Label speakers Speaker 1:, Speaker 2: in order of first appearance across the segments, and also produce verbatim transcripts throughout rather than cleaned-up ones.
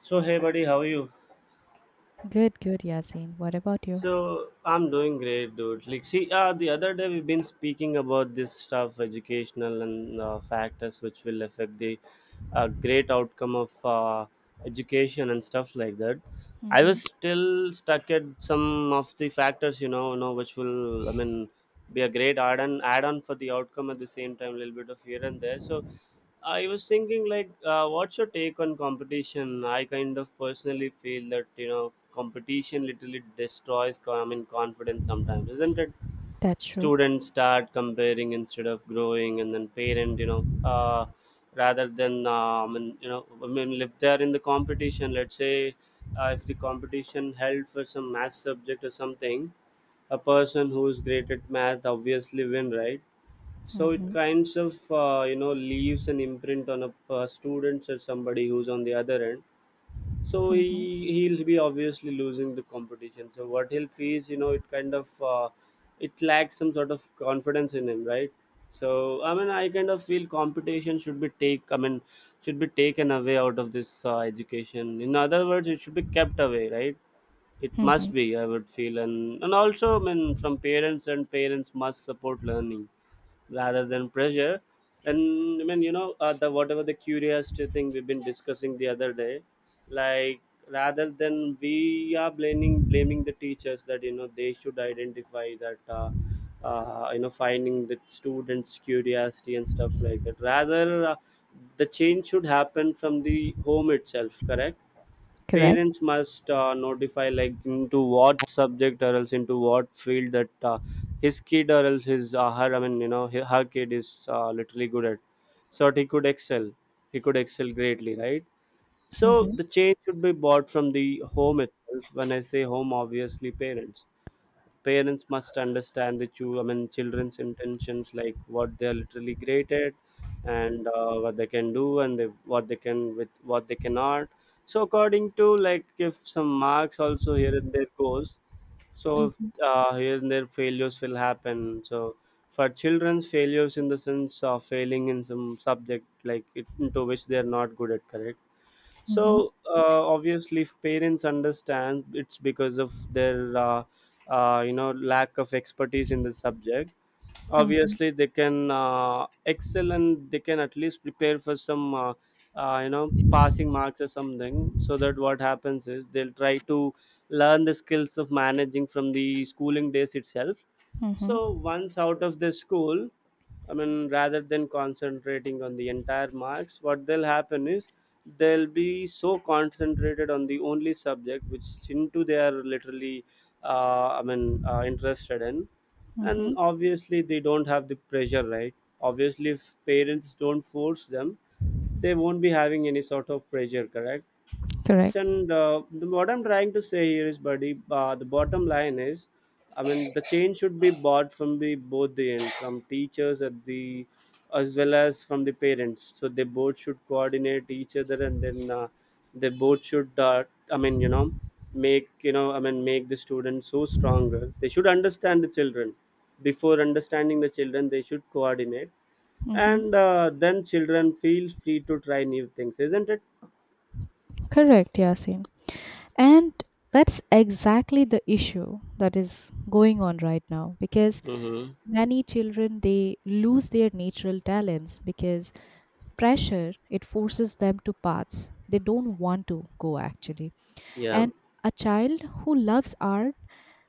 Speaker 1: So hey buddy, how are you?
Speaker 2: Good, good, Yasin. What about you?
Speaker 1: So I'm doing great, dude. Like, see, uh, the other day we've been speaking about this stuff, educational and uh, factors which will affect the uh, great outcome of uh, education and stuff like that. I
Speaker 2: Mm-hmm.
Speaker 1: was still stuck at some of the factors, you know, you know, which will, I mean, be a great add-on, add-on for the outcome at the same time, a little bit of here and there. So I was thinking, like, uh, what's your take on competition? I kind of personally feel that you know competition literally destroys co- I mean, confidence sometimes, isn't it?
Speaker 2: That's true.
Speaker 1: Students start comparing instead of growing, and then parent, you know, uh, rather than um, and, you know, I mean, if they're in the competition, let's say uh, if the competition held for some math subject or something, a person who is great at math obviously win, right? So it
Speaker 2: Mm-hmm.
Speaker 1: kinds of uh, you know leaves an imprint on a uh, students or somebody who's on the other end. So he
Speaker 2: Mm-hmm.
Speaker 1: he'll be obviously losing the competition. So what he'll face, you know it kind of uh, it lacks some sort of confidence in him, right? So I mean I kind of feel competition should be take i mean should be taken away out of this uh, education. In other words, it should be kept away, right? It must
Speaker 2: Mm-hmm.
Speaker 1: be, I would feel. And and also, I mean, from parents. And parents must support learning rather than pressure. And, I mean, you know uh, the whatever the curiosity thing we've been discussing the other day, like, rather than we are blaming blaming the teachers, that you know they should identify that, uh, uh, you know finding the students curiosity and stuff like that, rather uh, the change should happen from the home itself, correct?
Speaker 2: Correct.
Speaker 1: Parents must uh, notify, like, into what subject or else into what field that uh, his kid or else his uh, her, I mean, you know he- her kid is uh, literally good at, so that he could excel he could excel greatly, right? So
Speaker 2: Mm-hmm.
Speaker 1: the change should be bought from the home itself. When I say home, obviously parents parents must understand the chu I mean children's intentions, like what they are literally great at, and uh, what they can do, and they, what they can with what they cannot. So according to, like, if some marks also here and there goes. So
Speaker 2: Mm-hmm.
Speaker 1: uh, here and there failures will happen. So for children's failures, in the sense of failing in some subject, like it, into which they are not good at, correct.
Speaker 2: Mm-hmm.
Speaker 1: So uh, obviously if parents understand, it's because of their uh, uh, you know lack of expertise in the subject.
Speaker 2: Mm-hmm.
Speaker 1: Obviously they can uh, excel, and they can at least prepare for some uh, uh, you know passing marks or something, so that what happens is they'll try to learn the skills of managing from the schooling days itself.
Speaker 2: Mm-hmm.
Speaker 1: So once out of the school, I mean rather than concentrating on the entire marks, what they'll happen is they'll be so concentrated on the only subject which into they are literally, uh, I mean, uh, interested in.
Speaker 2: Mm-hmm.
Speaker 1: And obviously they don't have the pressure, right? Obviously if parents don't force them, they won't be having any sort of pressure, correct.
Speaker 2: Correct.
Speaker 1: And uh, the- what I'm trying to say here is, buddy, uh, the bottom line is, I mean, the change should be bought from the both the end, from teachers at the, as well as from the parents. So they both should coordinate each other, and then uh, they both should, uh, I mean, you know make you know i mean make the students so stronger. They should understand the children. Before understanding the children, they should coordinate. And
Speaker 2: Mm-hmm.
Speaker 1: uh, then children feel free to try new things, isn't it?
Speaker 2: Correct, Yasin. And that's exactly the issue that is going on right now, because
Speaker 1: Mm-hmm.
Speaker 2: many children, they lose their natural talents because pressure, it forces them to paths they don't want to go, actually.
Speaker 1: Yeah.
Speaker 2: And a child who loves art,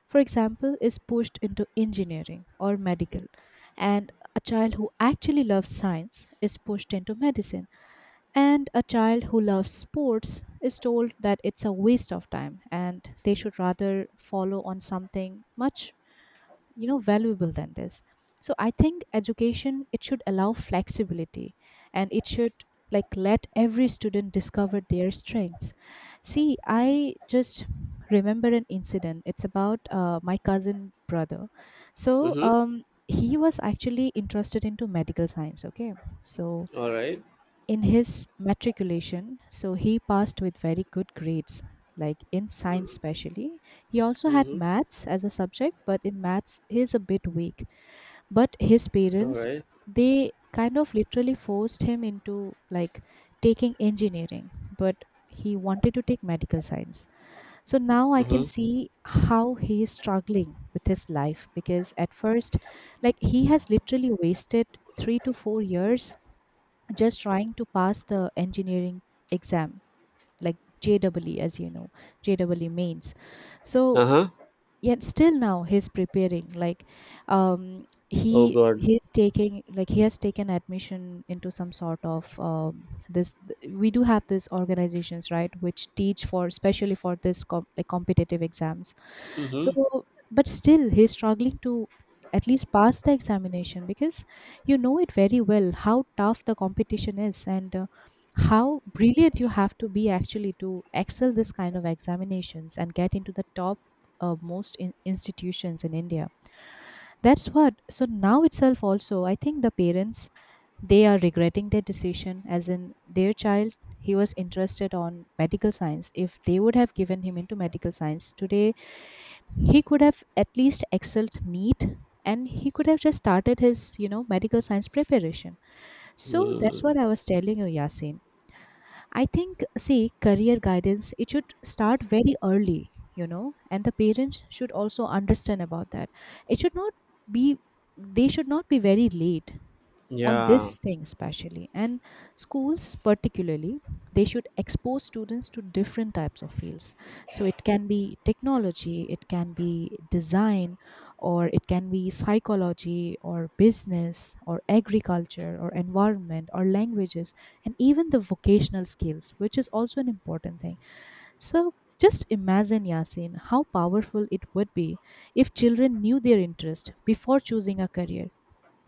Speaker 2: for example, is pushed into engineering or medical. And a child who actually loves science is pushed into medicine. And a child who loves sports is told that it's a waste of time and they should rather follow on something much you know valuable than this. So I think education, it should allow flexibility, and it should, like, let every student discover their strengths. See, I just remember an incident. It's about uh, my cousin brother. So
Speaker 1: Mm-hmm.
Speaker 2: um he was actually interested into medical science. Okay. So
Speaker 1: All right.
Speaker 2: in his matriculation, so he passed with very good grades, like in science especially. He also had
Speaker 1: Mm-hmm.
Speaker 2: maths as a subject, but in maths he is a bit weak. But his
Speaker 1: All
Speaker 2: parents,
Speaker 1: right.
Speaker 2: they kind of literally forced him into, like, taking engineering, but he wanted to take medical science. So now I can
Speaker 1: Mm-hmm.
Speaker 2: see how he is struggling with his life, because at first, like, he has literally wasted three to four years just trying to pass the engineering exam, like jee, as you know, jee mains. So
Speaker 1: Uh huh.
Speaker 2: yet still now he's preparing, like, um
Speaker 1: Oh
Speaker 2: he
Speaker 1: God.
Speaker 2: he's taking, like, he has taken admission into some sort of, um, this. We do have these organizations, right, which teach for especially for this com- like competitive exams.
Speaker 1: Mm-hmm.
Speaker 2: So but still he's struggling to at least pass the examination, because you know it very well how tough the competition is, and uh, how brilliant you have to be actually to excel this kind of examinations and get into the top uh, most in- institutions in India. That's what. So now itself, also, I think the parents, they are regretting their decision, as in their child, he was interested on medical science. If they would have given him into medical science today, he could have at least excelled neat, and he could have just started his you know medical science preparation. So that's
Speaker 1: Mm.
Speaker 2: what I was telling you, Yasin. I think, see, career guidance, it should start very early, you know, and the parents should also understand about that. It should not be, they should not be very late on
Speaker 1: Yeah.
Speaker 2: this thing especially, and schools particularly, they should expose students to different types of fields. So it can be technology, it can be design, or it can be psychology or business or agriculture or environment or languages, and even the vocational skills, which is also an important thing. So just imagine, Yasin, how powerful it would be if children knew their interest before choosing a career.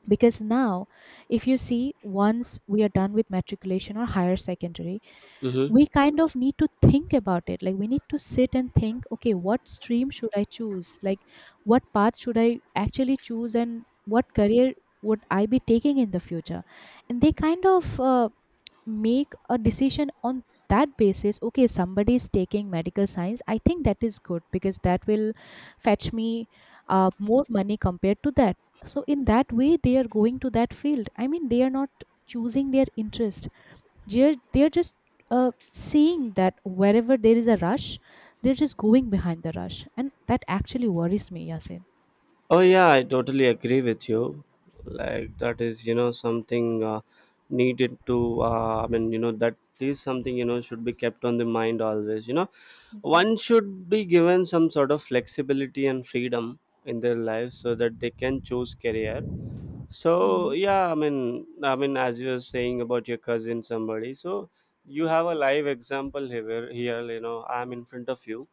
Speaker 2: Because now, if you see, once we are done with matriculation or higher secondary,
Speaker 1: Mm-hmm.
Speaker 2: we kind of need to think about it, like we need to sit and think, okay, what stream should I choose, like what path should I actually choose, and what career would I be taking in the future. And they kind of uh, make a decision on that basis. Okay, somebody is taking medical science, I think that is good because that will fetch me uh, more money compared to that. So in that way they are going to that field. I mean, they are not choosing their interest. They're they're just uh, seeing that wherever there is a rush, they're just going behind the rush, and that actually worries me, Yasin.
Speaker 1: Oh yeah, I totally agree with you. Like, that is, you know something uh, needed to. Uh, I mean, you know that is something you know should be kept on the mind always. You know,
Speaker 2: Mhm,
Speaker 1: one should be given some sort of flexibility and freedom in their life so that they can choose career. So
Speaker 2: mhm,
Speaker 1: yeah, I mean, I mean, as you were saying about your cousin, somebody. So you have a live example here. Here, you know, I'm in front of you.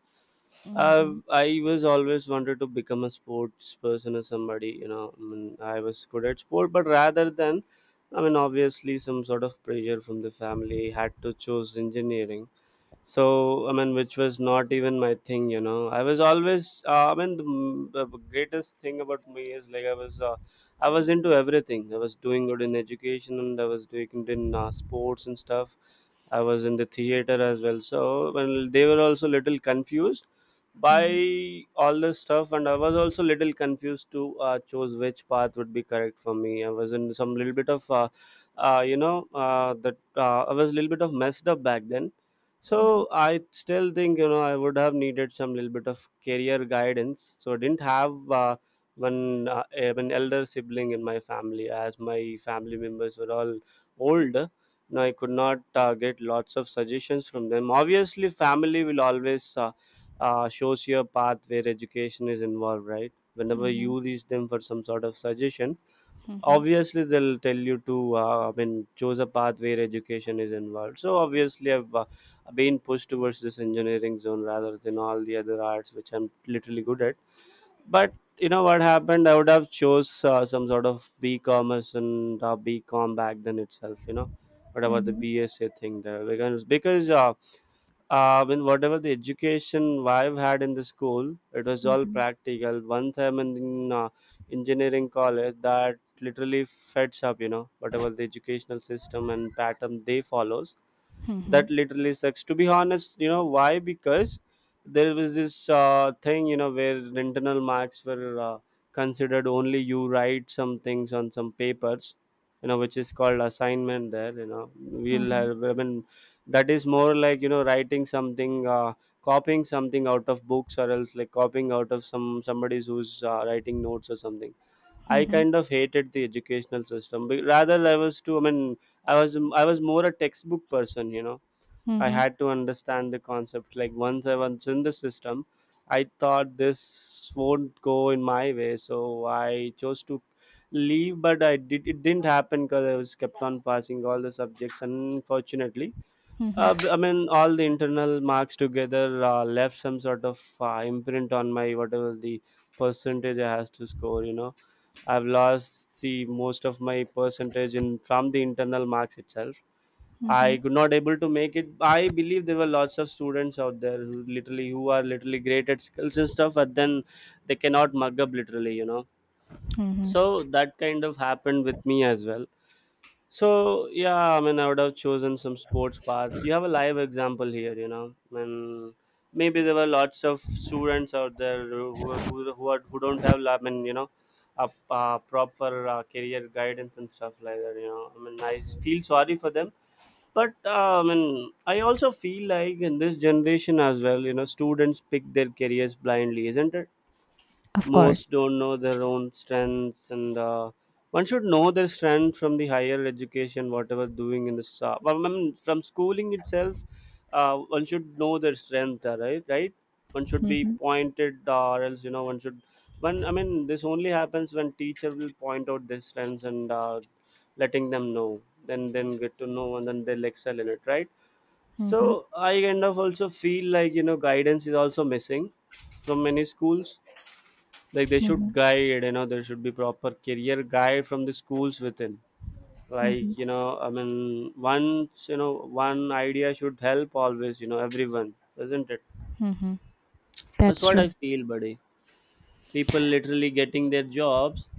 Speaker 1: Uh,
Speaker 2: mhm.
Speaker 1: I was always wanted to become a sports person or somebody. You know, I mean, I was good at sport, but rather than, I mean, obviously, some sort of pressure from the family had to choose engineering. So I mean which was not even my thing. you know I was always uh, I mean, the, m- the greatest thing about me is, like, I was uh, I was into everything. I was doing good in education, and I was doing good in uh, sports and stuff. I was in the theater as well. So when they were also little confused
Speaker 2: Mhm,
Speaker 1: by all this stuff, and I was also little confused to uh, choose which path would be correct for me. I was in some little bit of, uh, uh, you know, uh, that uh, I was a little bit of messed up back then.
Speaker 2: mhm,
Speaker 1: So I still think you know I would have needed some little bit of career guidance. So I didn't have. Uh, one uh, an elder sibling in my family, as my family members were all old. No, I could not uh, get lots of suggestions from them. Obviously family will always, uh, uh, shows you a path where education is involved, right? Whenever
Speaker 2: mhm,
Speaker 1: you reach them for some sort of suggestion,
Speaker 2: mhm,
Speaker 1: obviously they'll tell you to uh, I mean, choose a path where education is involved. So obviously I've uh, been pushed towards this engineering zone, rather than all the other arts which I'm literally good at. But you know what happened, I would have chose uh, some sort of B-commerce and uh, B-com back then itself you know Whatever the
Speaker 2: mhm,
Speaker 1: BSA thing there. Because because uh, uh, when whatever the education I've had in the school, it was all
Speaker 2: mhm,
Speaker 1: practical. Once I'm in, in uh, engineering college, that literally feds up. You know, whatever the educational system and pattern they follows,
Speaker 2: mhm,
Speaker 1: that
Speaker 2: mhm.
Speaker 1: literally sucks. To be honest, you know why? Because there was this uh, thing, you know where internal marks were uh, considered only. You write some things on some papers, you know, which is called assignment there. You know we'll
Speaker 2: Mhm,
Speaker 1: have, I mean, that is more like, you know writing something, uh, copying something out of books, or else like copying out of some somebody's who's uh, writing notes or something. I
Speaker 2: mhm,
Speaker 1: kind of hated the educational system, but rather, I was too, I mean, i was i was more a textbook person, you know. I
Speaker 2: mhm,
Speaker 1: had to understand the concept. Like, once I was in the system, I thought this won't go in my way, so I chose to leave. But I did it didn't happen, because I was kept on passing all the subjects. Unfortunately,
Speaker 2: mhm,
Speaker 1: uh, b- I mean, all the internal marks together uh, left some sort of uh, imprint on my whatever the percentage I has to score. You know, I've lost the most of my percentage in from the internal marks itself. I
Speaker 2: mhm,
Speaker 1: could not able to make it. I believe there were lots of students out there who literally who are literally great at skills and stuff, but then they cannot mug up literally. You know,
Speaker 2: mhm.
Speaker 1: so that kind of happened with me as well. So yeah, I mean, I would have chosen some sports path. You have a live example here, you know. And maybe there were lots of students out there who who who, are, who don't have, I mean, you know, a, uh proper uh, career guidance and stuff like that. You know, I mean, I feel sorry for them. But uh, I mean, I also feel like in this generation as well, you know, students pick their careers blindly, isn't it?
Speaker 2: Of
Speaker 1: Most
Speaker 2: course.
Speaker 1: don't know their own strengths, and uh, one should know their strength from the higher education whatever doing in this uh, well, I mean, from schooling itself. Uh, one should know their strength, uh, right right One should be
Speaker 2: Mhm,
Speaker 1: pointed, uh, or else, you know, one should one, I mean, this only happens when teacher will point out their strengths and uh, letting them know, then then get to know, and then they'll excel in it, right? So
Speaker 2: mhm,
Speaker 1: I kind of also feel like, you know, guidance is also missing from many schools. Like, they should
Speaker 2: mhm,
Speaker 1: guide, you know, there should be proper career guide from the schools within. Like,
Speaker 2: mhm,
Speaker 1: you know, I mean, once you know, one idea should help always, you know, everyone, isn't it?
Speaker 2: mhm.
Speaker 1: That's
Speaker 2: That's
Speaker 1: what I
Speaker 2: true.
Speaker 1: feel, buddy. People literally getting their jobs,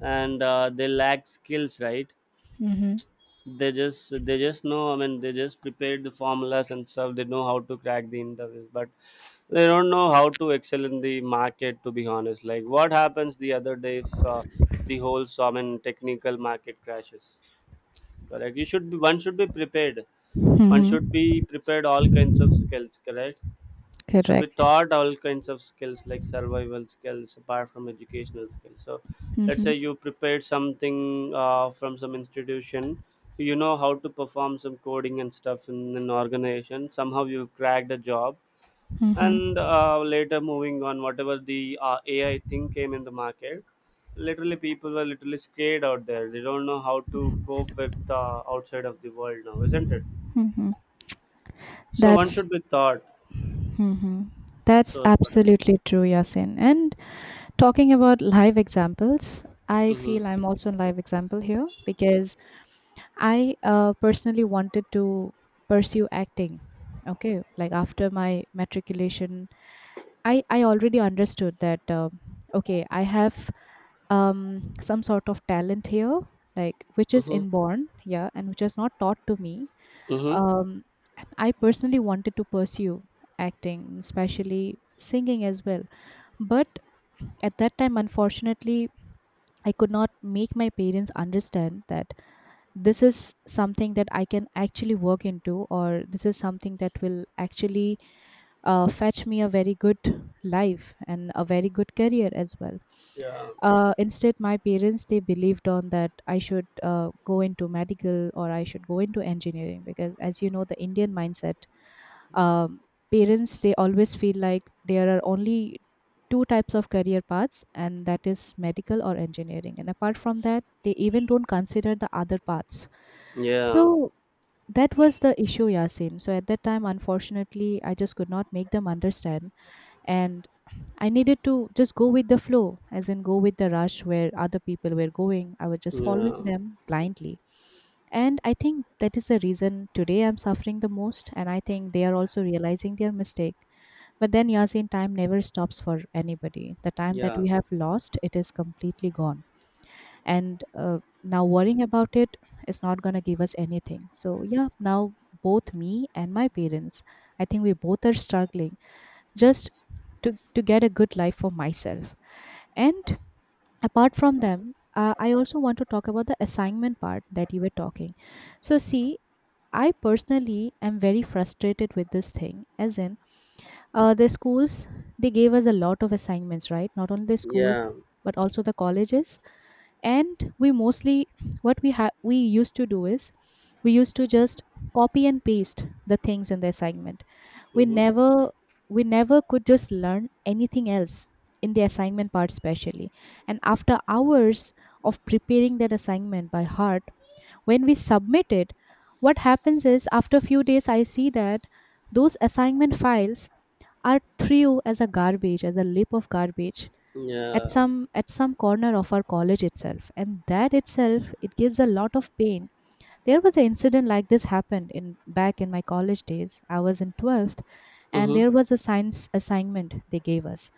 Speaker 1: and uh, they lack skills, right?
Speaker 2: Mhm,
Speaker 1: They just they just know, I mean, they just prepared the formulas and stuff. They know how to crack the interviews, but they don't know how to excel in the market, to be honest. Like, what happens the other day if uh, the whole so, I mean, technical market crashes? Correct. You should be One should be prepared. One
Speaker 2: mhm.
Speaker 1: should be prepared all kinds of skills, correct? It should be
Speaker 2: Correct.
Speaker 1: taught all kinds of skills, like survival skills apart from educational skills. So let's say
Speaker 2: Mhm,
Speaker 1: you prepared something uh, from some institution. So you know how to perform some coding and stuff in an organization, somehow you cracked a job.
Speaker 2: mhm,
Speaker 1: And uh, later, moving on, whatever the uh, A I thing came in the market. Literally people were literally scared out there. They don't know how to cope with uh, outside of the world now, isn't it?
Speaker 2: mhm.
Speaker 1: So one
Speaker 2: That's
Speaker 1: should be taught.
Speaker 2: mhm. That's
Speaker 1: So it's better.
Speaker 2: absolutely true, Yasin. And talking about live examples, I
Speaker 1: Mm-hmm.
Speaker 2: feel I'm also a live example here, because I uh, personally wanted to pursue acting. Okay, like after my matriculation, I I already understood that. Um, okay, I have um some sort of talent here, like which is
Speaker 1: Mm-hmm.
Speaker 2: inborn, yeah, and which is not taught to me.
Speaker 1: Mm-hmm.
Speaker 2: Um, and I personally wanted to pursue acting, especially singing as well, but at that time, unfortunately, I could not make my parents understand that this is something that I can actually work into, or this is something that will actually uh, fetch me a very good life and a very good career as well.
Speaker 1: Yeah,
Speaker 2: Uh, instead, my parents, they believed on that I should uh, go into medical or I should go into engineering, because, as you know, the Indian mindset, um, parents, they always feel like there are only two types of career paths, and that is medical or engineering, and apart from that, they even don't consider the other paths.
Speaker 1: yeah,
Speaker 2: So that was the issue, Yasim. So at that time, unfortunately, I just could not make them understand. And I needed to just go with the flow, as in go with the rush where other people were going. I was just following
Speaker 1: yeah,
Speaker 2: them blindly. And I think that is the reason today I'm suffering the most. And I think they are also realizing their mistake. But then, Yasin, time never stops for anybody. The time that
Speaker 1: yeah,
Speaker 2: we have lost, it is completely gone. And uh, now, worrying about it is not going to give us anything. So, yeah, now both me and my parents, I think we both are struggling, just to, to get a good life for myself. And apart from them, uh, I also want to talk about the assignment part that you were talking. So, see, I personally am very frustrated with this thing, as in uh, the schools, they gave us a lot of assignments, right? Not only the schools
Speaker 1: yeah.
Speaker 2: but also the colleges, and we mostly, what we have, we used to do is, we used to just copy and paste the things in the assignment. We
Speaker 1: Mm-hmm.
Speaker 2: never we never could just learn anything else in the assignment part especially. And after hours of preparing that assignment by heart, when we submit it, what happens is, after a few days I see that those assignment files are threw as a garbage, as a lip of garbage, at
Speaker 1: Yeah.
Speaker 2: some at some corner of our college itself, and that itself, it gives a lot of pain. There was an incident like this happened in back in my college days. I was in twelfth, and
Speaker 1: Mm-hmm.
Speaker 2: there was a science assignment they gave us.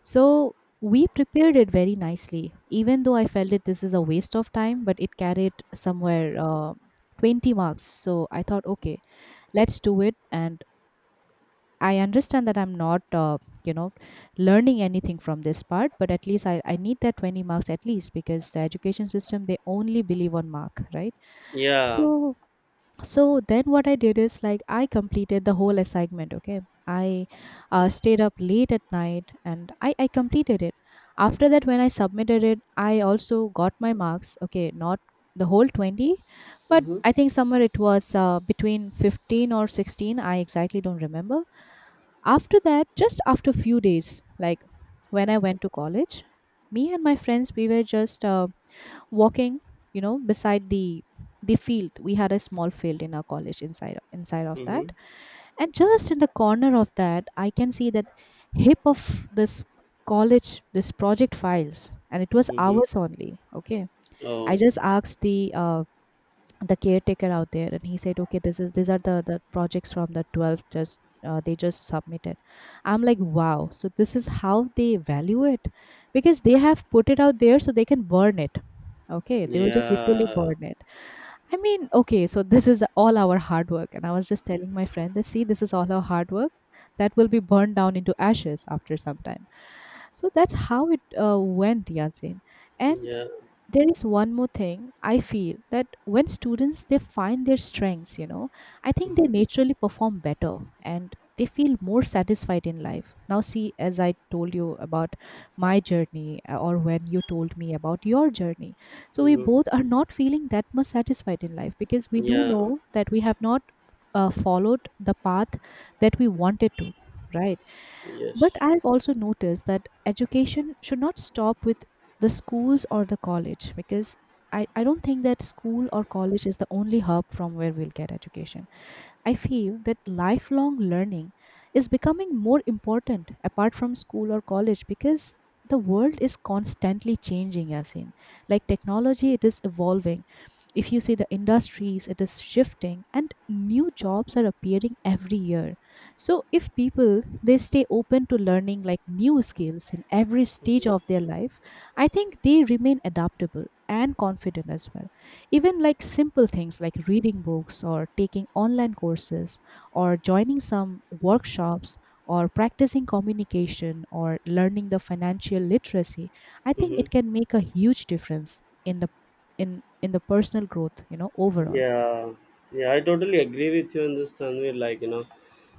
Speaker 2: So we prepared it very nicely, even though I felt that this is a waste of time, but it carried somewhere uh, twenty marks. So I thought, okay, let's do it. And I understand that I'm not, uh, you know, learning anything from this part, but at least I, I need that twenty marks at least, because the education system, they only believe on mark, right?
Speaker 1: Yeah.
Speaker 2: So so then what I did is, like, I completed the whole assignment. Okay? I uh, stayed up late at night, and I, I completed it. After that, when I submitted it, I also got my marks. Okay? Not the whole twenty, but
Speaker 1: Mm-hmm.
Speaker 2: I think somewhere it was uh, between fifteen or sixteen. I exactly don't remember. After that, just after few days, like when I went to college, me and my friends, we were just uh, walking, you know beside the the field. We had a small field in our college, inside inside of that.
Speaker 1: Mm-hmm.
Speaker 2: And just in the corner of that, I can see that hip of this college, this project files, and it was
Speaker 1: Mm-hmm.
Speaker 2: ours only. Okay. I
Speaker 1: Oh,
Speaker 2: just asked the uh, the caretaker out there, and he said, okay, this is these are the the projects from the twelfth, just uh, they just submitted. I'm like, wow, so this is how they value it, because they have put it out there so they can burn it. Okay, they were just literally
Speaker 1: yeah,
Speaker 2: burn it. I mean, okay, so this is all our hard work. And I was just telling my friend that, see, this is all our hard work, that will be burned down into ashes after some time. So that's how it uh, went, Yasin. And
Speaker 1: yeah.
Speaker 2: there is one more thing I feel, that when students, they find their strengths, you know I think they
Speaker 1: Mm-hmm.
Speaker 2: naturally perform better, and they feel more satisfied in life. Now see, as I told you about my journey, uh, or when you told me about your journey, so we
Speaker 1: Mm-hmm.
Speaker 2: both are not feeling that much satisfied in life, because we do
Speaker 1: Yeah.
Speaker 2: know that we have not uh, followed the path that we wanted to, right? But
Speaker 1: Yes.
Speaker 2: I've also noticed that education should not stop with the schools or the college, because I, I don't think that school or college is the only hub from where we'll get education. I feel that lifelong learning is becoming more important apart from school or college, because the world is constantly changing. As in, like, technology, it is evolving. If you see the industries, it is shifting, and new jobs are appearing every year. So if people, they stay open to learning, like, new skills in every stage of their life, I think they remain adaptable and confident as well. Even, like, simple things like reading books, or taking online courses, or joining some workshops, or practicing communication, or learning the financial literacy, I think
Speaker 1: Mm-hmm.
Speaker 2: it can make a huge difference in the in in the personal growth, you know, overall.
Speaker 1: Yeah, yeah, I totally agree with you in this, Tanvir. Like, you know,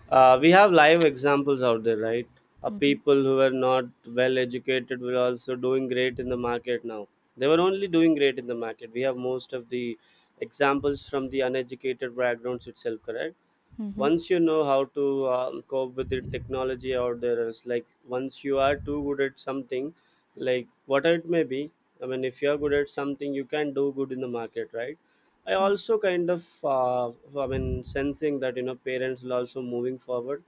Speaker 1: uh, we have live examples out there, right? Uh,
Speaker 2: Mm-hmm,
Speaker 1: people who were not well educated were also doing great in the market now. They were only doing great in the market. We have most of the examples from the uneducated backgrounds itself, correct?
Speaker 2: mm-hmm,
Speaker 1: Once you know how to uh, cope with the technology out there, is like once you are too good at something, like what it may be, I mean, if you are good at something, you can do good in the market, right? I also kind of uh, I mean, sensing that, you know, parents will also moving forward,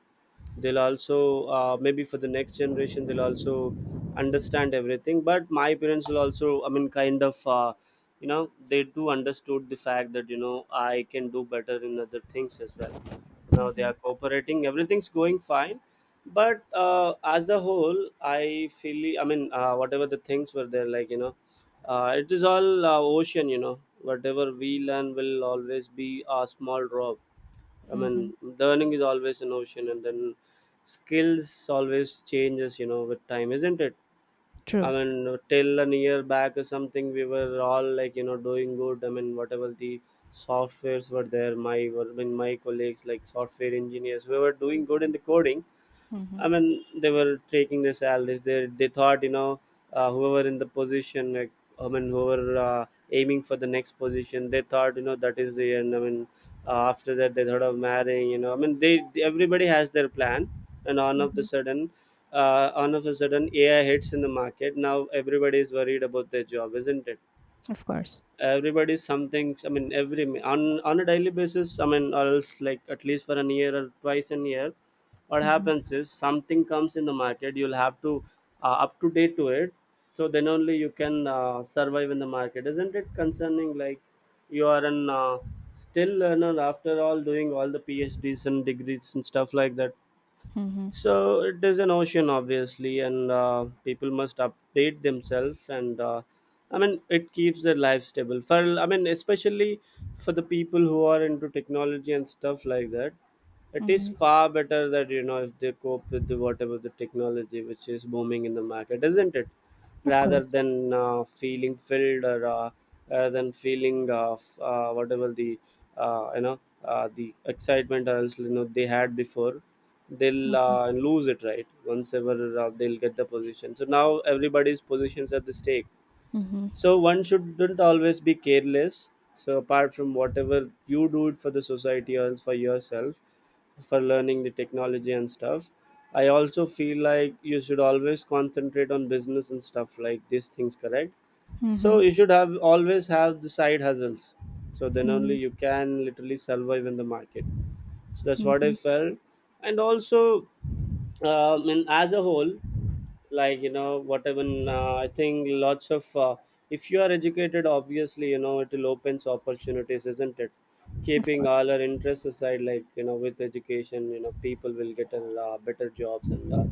Speaker 1: they'll also, uh, maybe for the next generation they'll also understand everything. But my parents will also, I mean, kind of, uh, you know, they do understood the fact that, you know, I can do better in other things as well. Now they
Speaker 2: mm-hmm,
Speaker 1: are cooperating, everything's going fine. But uh, as a whole, I feel, I mean, uh, whatever the things were there, like, you know, uh, it is all uh, ocean, you know, whatever we learn will always be a small drop. I
Speaker 2: mm-hmm.
Speaker 1: mean, learning is always an ocean, and then skills always changes, you know, with time, isn't it? I
Speaker 2: True.
Speaker 1: mean, till a year back or something, we were all like, you know, doing good. I mean, whatever the softwares were there, my, I mean, my colleagues, like software engineers, we were doing good in the coding.
Speaker 2: Mm-hmm,
Speaker 1: I mean, they were taking the salaries. They they thought, you know, uh, whoever in the position, like, I mean, whoever uh, aiming for the next position, they thought, you know, that is the end. I mean, uh, after that, they thought of marrying. You know, I mean, they everybody has their plan, and on of the
Speaker 2: mm-hmm.
Speaker 1: sudden, uh, on of a sudden, A I hits in the market. Now everybody is worried about their job, isn't it?
Speaker 2: Of course.
Speaker 1: Everybody's something, I mean, every on on a daily basis, I mean, or else like at least for an year or twice in a year, what
Speaker 2: Mm-hmm,
Speaker 1: happens is something comes in the market, you'll have to uh, up to date to it. So then only you can uh, survive in the market, isn't it? Concerning, like, you are an uh, still learner after all, doing all the phds and degrees and stuff like that.
Speaker 2: mm-hmm,
Speaker 1: So it is an ocean obviously, and uh, people must update themselves, and uh, I mean, it keeps their life stable, for, I mean, especially for the people who are into technology and stuff like that. It is
Speaker 2: mm-hmm.
Speaker 1: far better that, you know, if they cope with the whatever the technology which is booming in the market, isn't it?
Speaker 2: Of
Speaker 1: Rather
Speaker 2: course.
Speaker 1: than uh, feeling filled, or uh, rather than feeling, uh, f- uh, whatever the, uh, you know, uh, the excitement, or else you know, they had before, they'll uh,
Speaker 2: Mm-hmm,
Speaker 1: lose it, right? Once ever uh, they'll get the position, so now everybody's positions at the stake.
Speaker 2: mm-hmm,
Speaker 1: So one shouldn't always be careless. So apart from whatever you do it for the society or else for yourself, for learning the technology and stuff, I also feel like you should always concentrate on business and stuff like these things, correct? So
Speaker 2: mm-hmm,
Speaker 1: you should have always have the side hustles. So then only you can literally survive in the market. So that's what I
Speaker 2: mm-hmm.
Speaker 1: felt. And also, um, and as a whole, like, you know, whatever, uh, I think lots of, uh, if you are educated, obviously, you know, it will opens opportunities, isn't it?
Speaker 2: Of
Speaker 1: Keeping
Speaker 2: course.
Speaker 1: all our interests aside, like, you know, with education, you know, people will get a, uh, better jobs, and uh,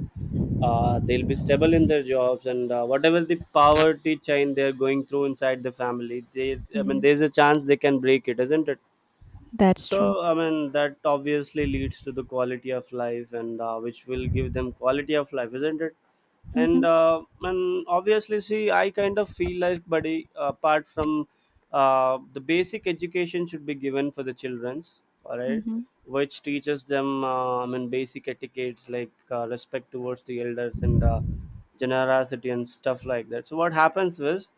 Speaker 1: uh, they'll be stable in their jobs, and uh, whatever the poverty chain they're going through inside the family, they I mean,
Speaker 2: Mm-hmm.
Speaker 1: there's a chance they can break it, isn't it?
Speaker 2: That's true.
Speaker 1: So, I mean, that obviously leads to the quality of life, and uh, which will give them quality of life, isn't it? And
Speaker 2: Mhm,
Speaker 1: uh, and obviously, see, I kind of feel like, buddy, apart from, uh, the basic education should be given for the childrens, all right,
Speaker 2: mhm,
Speaker 1: which teaches them, uh, I mean, basic etiquettes like, uh, respect towards the elders, and uh, generosity and stuff like that. So what happens is,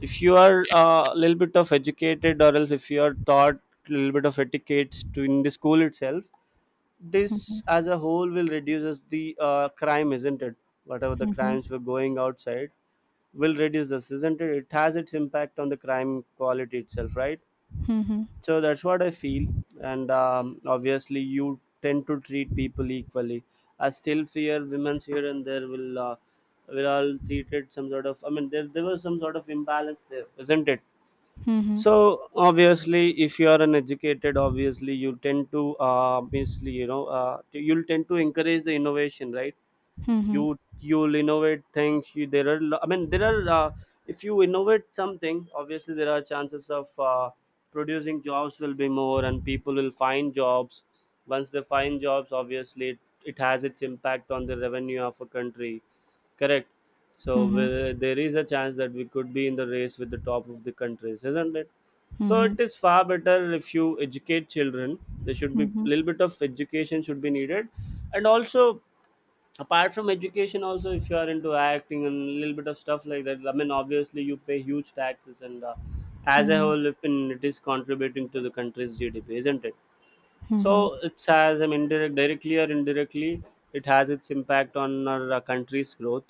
Speaker 1: if you are a, uh, little bit of educated, or else if you are taught a little bit of etiquette to in the school itself, this
Speaker 2: mhm,
Speaker 1: as a whole will reduces the, uh, crime, isn't it? Whatever the crimes
Speaker 2: mhm,
Speaker 1: were going outside will reduce this, isn't it? It has its impact on the crime quality itself, right?
Speaker 2: mhm,
Speaker 1: So that's what I feel. And um, obviously you tend to treat people equally. I still fear women's here and there will, uh, will all treated some sort of, I mean, there, there was some sort of imbalance there, isn't it?
Speaker 2: mhm,
Speaker 1: So
Speaker 2: mhm,
Speaker 1: obviously, if you are an educated, obviously you tend to, uh, obviously you know, uh, t- you'll tend to encourage the innovation, right?
Speaker 2: mhm,
Speaker 1: You you'll innovate things, you, there are lo- I mean, there are, uh, if you innovate something, obviously there are chances of, uh, producing jobs will be more and people will find jobs. Once they find jobs, obviously it, it has its impact on the revenue of a country. Correct. So
Speaker 2: mhm,
Speaker 1: we, there is a chance that we could be in the race with the top of the countries, isn't it? So
Speaker 2: mhm,
Speaker 1: it is far better if you educate children. There should be
Speaker 2: mhm,
Speaker 1: little bit of education should be needed, and also, apart from education, also if you are into acting and little bit of stuff like that. I mean, obviously you pay huge taxes, and, uh, as a
Speaker 2: mhm,
Speaker 1: whole, if in- it is contributing to the country's G D P, isn't it? So it has, I mean, directly or indirectly, it has its impact on our, uh, country's growth.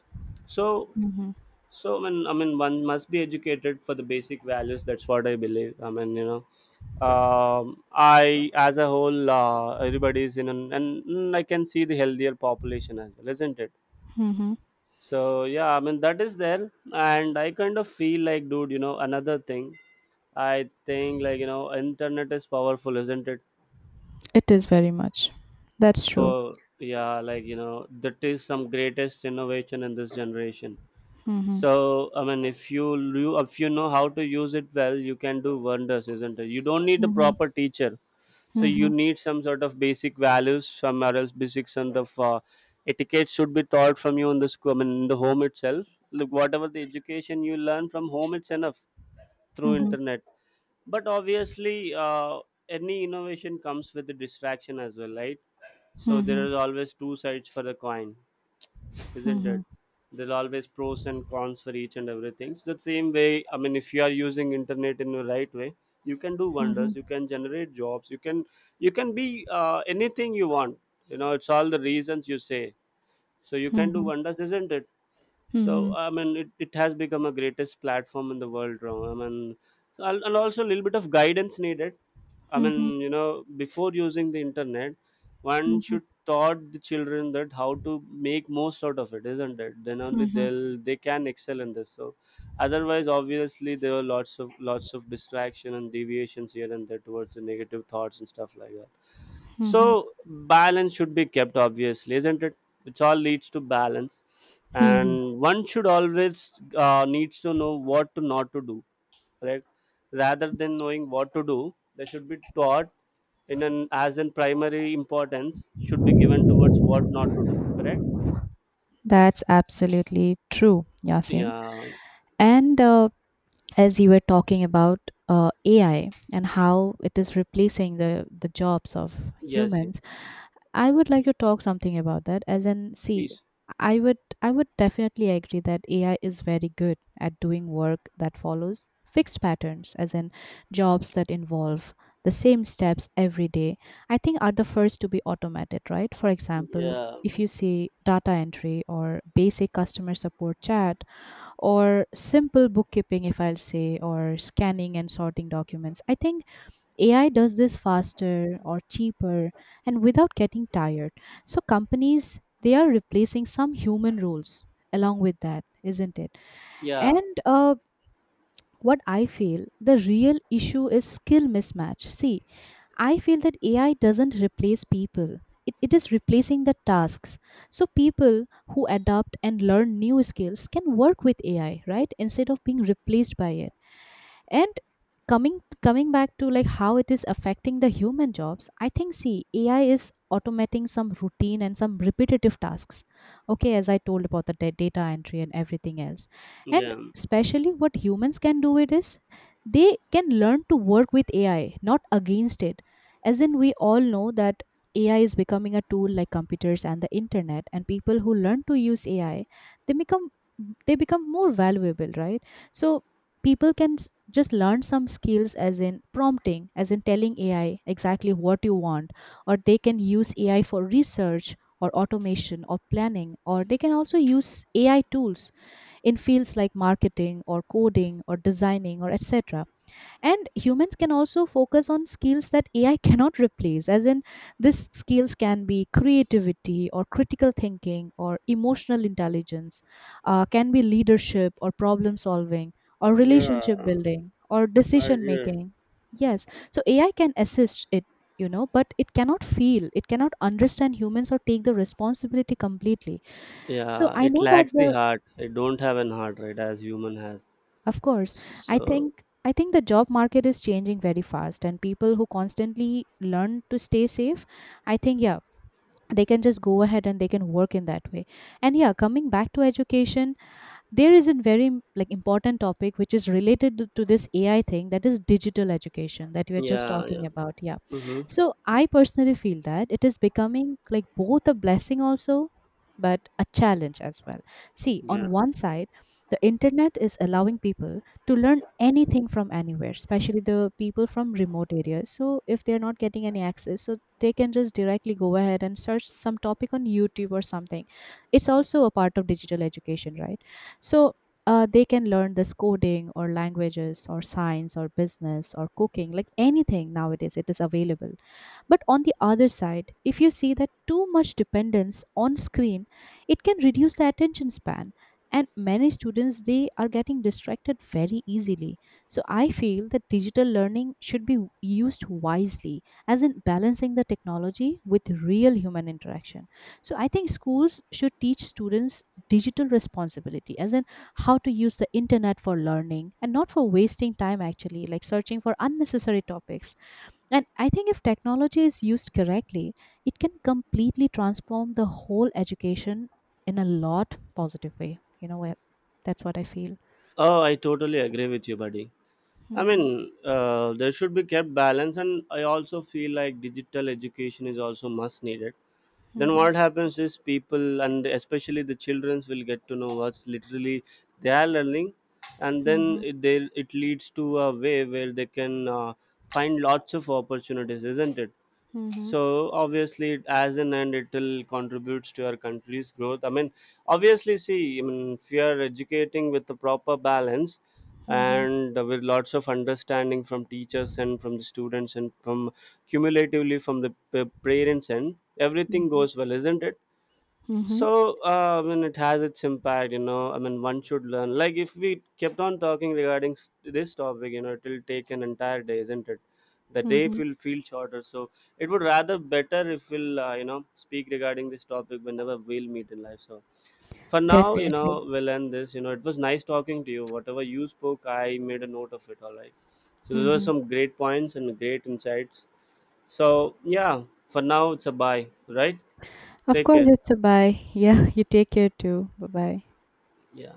Speaker 1: So,
Speaker 2: mhm,
Speaker 1: so I mean, I mean, one must be educated for the basic values. That's what I believe. I mean, you know, um, I, as a whole, uh, everybody is in, an, and mm, I can see the healthier population as well, isn't it?
Speaker 2: mhm.
Speaker 1: So yeah, I mean, that is there. And I kind of feel like, dude, you know, another thing, I think, like, you know, internet is powerful, isn't it?
Speaker 2: It is very much. That's true.
Speaker 1: So yeah, like, you know, that is some greatest innovation in this generation.
Speaker 2: Mhm,
Speaker 1: So I mean, if you you if you know how to use it well, you can do wonders, isn't it? You don't need a
Speaker 2: mhm,
Speaker 1: proper teacher. So you
Speaker 2: mhm,
Speaker 1: need some sort of basic values somewhere else, basics, and the, uh, etiquette should be taught from you in the school. I mean, in the home itself. Look, whatever the education you learn from home, it's enough, through
Speaker 2: mhm,
Speaker 1: internet. But obviously, uh, any innovation comes with the distraction as well, right? So there
Speaker 2: mhm,
Speaker 1: is always two sides for the coin,
Speaker 2: mhm,
Speaker 1: isn't it?
Speaker 2: mhm,
Speaker 1: There's always pros and cons for each and everything. So the same way, I mean, if you are using internet in the right way, you can do
Speaker 2: mhm,
Speaker 1: wonders. You can generate jobs. You can you can be, uh, anything you want. You know, it's all the reasons you say. So you can do wonders, isn't it? So
Speaker 2: mhm,
Speaker 1: I mean, it, it has become a greatest platform in the world. Ram. I mean, so, and and also a little bit of guidance needed. I
Speaker 2: mhm,
Speaker 1: mean, you know, before using the internet, one should taught the children that how to make most out of it, isn't it? Then only
Speaker 2: mhm,
Speaker 1: they'll they can excel in this. So, otherwise, obviously, there are lots of lots of distraction and deviations here and there towards the negative thoughts and stuff like that. So,
Speaker 2: mhm,
Speaker 1: balance should be kept, obviously, isn't it? It all leads to balance,
Speaker 2: mhm.
Speaker 1: and one should always, uh, needs to know what to not to do, right? Rather than knowing what to do, they should be taught, in an as in, primary importance should be given towards what not to do. Correct?
Speaker 2: That's absolutely true, Yasin.
Speaker 1: Yeah.
Speaker 2: And uh, as you were talking about uh, A I and how it is replacing the the jobs of
Speaker 1: Yes, yes.
Speaker 2: humans, I would like to talk something about that. As in, see,
Speaker 1: Please.
Speaker 2: I would I would definitely agree that A I is very good at doing work that follows fixed patterns, as in jobs that involve the same steps every day. I think, are the first to be automated, right? For example,
Speaker 1: Yeah.
Speaker 2: if you see data entry or basic customer support chat or simple bookkeeping, if I'll say, or scanning and sorting documents. I think A I does this faster or cheaper and without getting tired. So companies, they are replacing some human roles along with that, isn't it?
Speaker 1: Yeah.
Speaker 2: And uh, what I feel the real issue is skill mismatch. See, I feel that A I doesn't replace people. It, it is replacing the tasks. So people who adapt and learn new skills can work with A I, right? Instead of being replaced by it, and coming coming back to, like, how it is affecting the human jobs. I think, see, A I is automating some routine and some repetitive tasks, okay, as I told about the da- data entry and everything else. And
Speaker 1: Yeah.
Speaker 2: especially what humans can do, it is, they can learn to work with A I, not against it. As in, we all know that A I is becoming a tool like computers and the internet, and people who learn to use A I, they become they become more valuable, right? So people can s- just learn some skills, as in prompting, as in telling A I exactly what you want. Or they can use A I for research or automation or planning. Or they can also use A I tools in fields like marketing or coding or designing or et cetera. And humans can also focus on skills that A I cannot replace, as in, these skills can be creativity, or critical thinking, or emotional intelligence, uh, can be leadership, or problem solving, or
Speaker 1: Yeah.
Speaker 2: relationship building, or
Speaker 1: I
Speaker 2: decision
Speaker 1: agree.
Speaker 2: making. Yes, so A I can assist it, you know but it cannot feel, it cannot understand humans or take the responsibility completely. So
Speaker 1: Yeah.
Speaker 2: I
Speaker 1: It
Speaker 2: know that
Speaker 1: lacks
Speaker 2: the.
Speaker 1: the heart. It don't have an heart, right? As human has.
Speaker 2: Of course, I
Speaker 1: So
Speaker 2: think I think the job market is changing very fast, and people who constantly learn to stay safe, I think, yeah, they can just go ahead and they can work in that way. And yeah, coming back to education, there is a very, like, important topic which is related to to this A I thing, that is digital education, that we are just
Speaker 1: yeah.
Speaker 2: talking
Speaker 1: Yeah.
Speaker 2: about, yeah.
Speaker 1: Mm-hmm.
Speaker 2: So I personally feel that it is becoming, like, both a blessing also, but a challenge as well. See,
Speaker 1: Yeah.
Speaker 2: on one side, the internet is allowing people to learn anything from anywhere, especially the people from remote areas. So if they're not getting any access, so they can just directly go ahead and search some topic on YouTube or something. It's also a part of digital education, right? So uh, they can learn this coding or languages or science or business or cooking, like anything nowadays, it is available. But on the other side, if you see that too much dependence on screen, it can reduce the attention span. And many students, they are getting distracted very easily. So I feel that digital learning should be used wisely, as in balancing the technology with real human interaction. So I think schools should teach students digital responsibility, as in how to use the internet for learning and not for wasting time actually, like searching for unnecessary topics. And I think if technology is used correctly, it can completely transform the whole education in a lot positive way. You know what? That's what I feel.
Speaker 1: Oh, I totally agree with you, buddy. I
Speaker 2: Mhm,
Speaker 1: mean, uh, there should be kept balance, and I also feel like digital education is also must needed. Then
Speaker 2: mhm,
Speaker 1: what happens is, people, and especially the childrens, will get to know what's literally they are learning, and then,
Speaker 2: mhm,
Speaker 1: it, they it leads to a way where they can, uh, find lots of opportunities, isn't it?
Speaker 2: mhm,
Speaker 1: So obviously, as an end, it will contributes to our country's growth. I mean, obviously, see, I mean, if you are educating with the proper balance
Speaker 2: mhm,
Speaker 1: and with lots of understanding from teachers and from the students and from cumulatively from the p- parents, and everything
Speaker 2: mhm,
Speaker 1: goes well, isn't it?
Speaker 2: mhm,
Speaker 1: So, uh, I mean, it has its impact, you know. I mean, one should learn. Like, if we kept on talking regarding s- this topic, you know, it will take an entire day, isn't it? The day
Speaker 2: mhm.
Speaker 1: will feel shorter. So, it would rather better if we'll, uh, you know, speak regarding this topic whenever we'll meet in life. So, for now, you
Speaker 2: Definitely.
Speaker 1: know, we'll end this. You know, it was nice talking to you. Whatever you spoke, I made a note of it, all right? So, those were
Speaker 2: Mhm.
Speaker 1: some great points and great insights. So, yeah, for now, it's a bye, right?
Speaker 2: Of
Speaker 1: Take
Speaker 2: course,
Speaker 1: care.
Speaker 2: it's a bye. Yeah, you take care too. Bye bye.
Speaker 1: Yeah.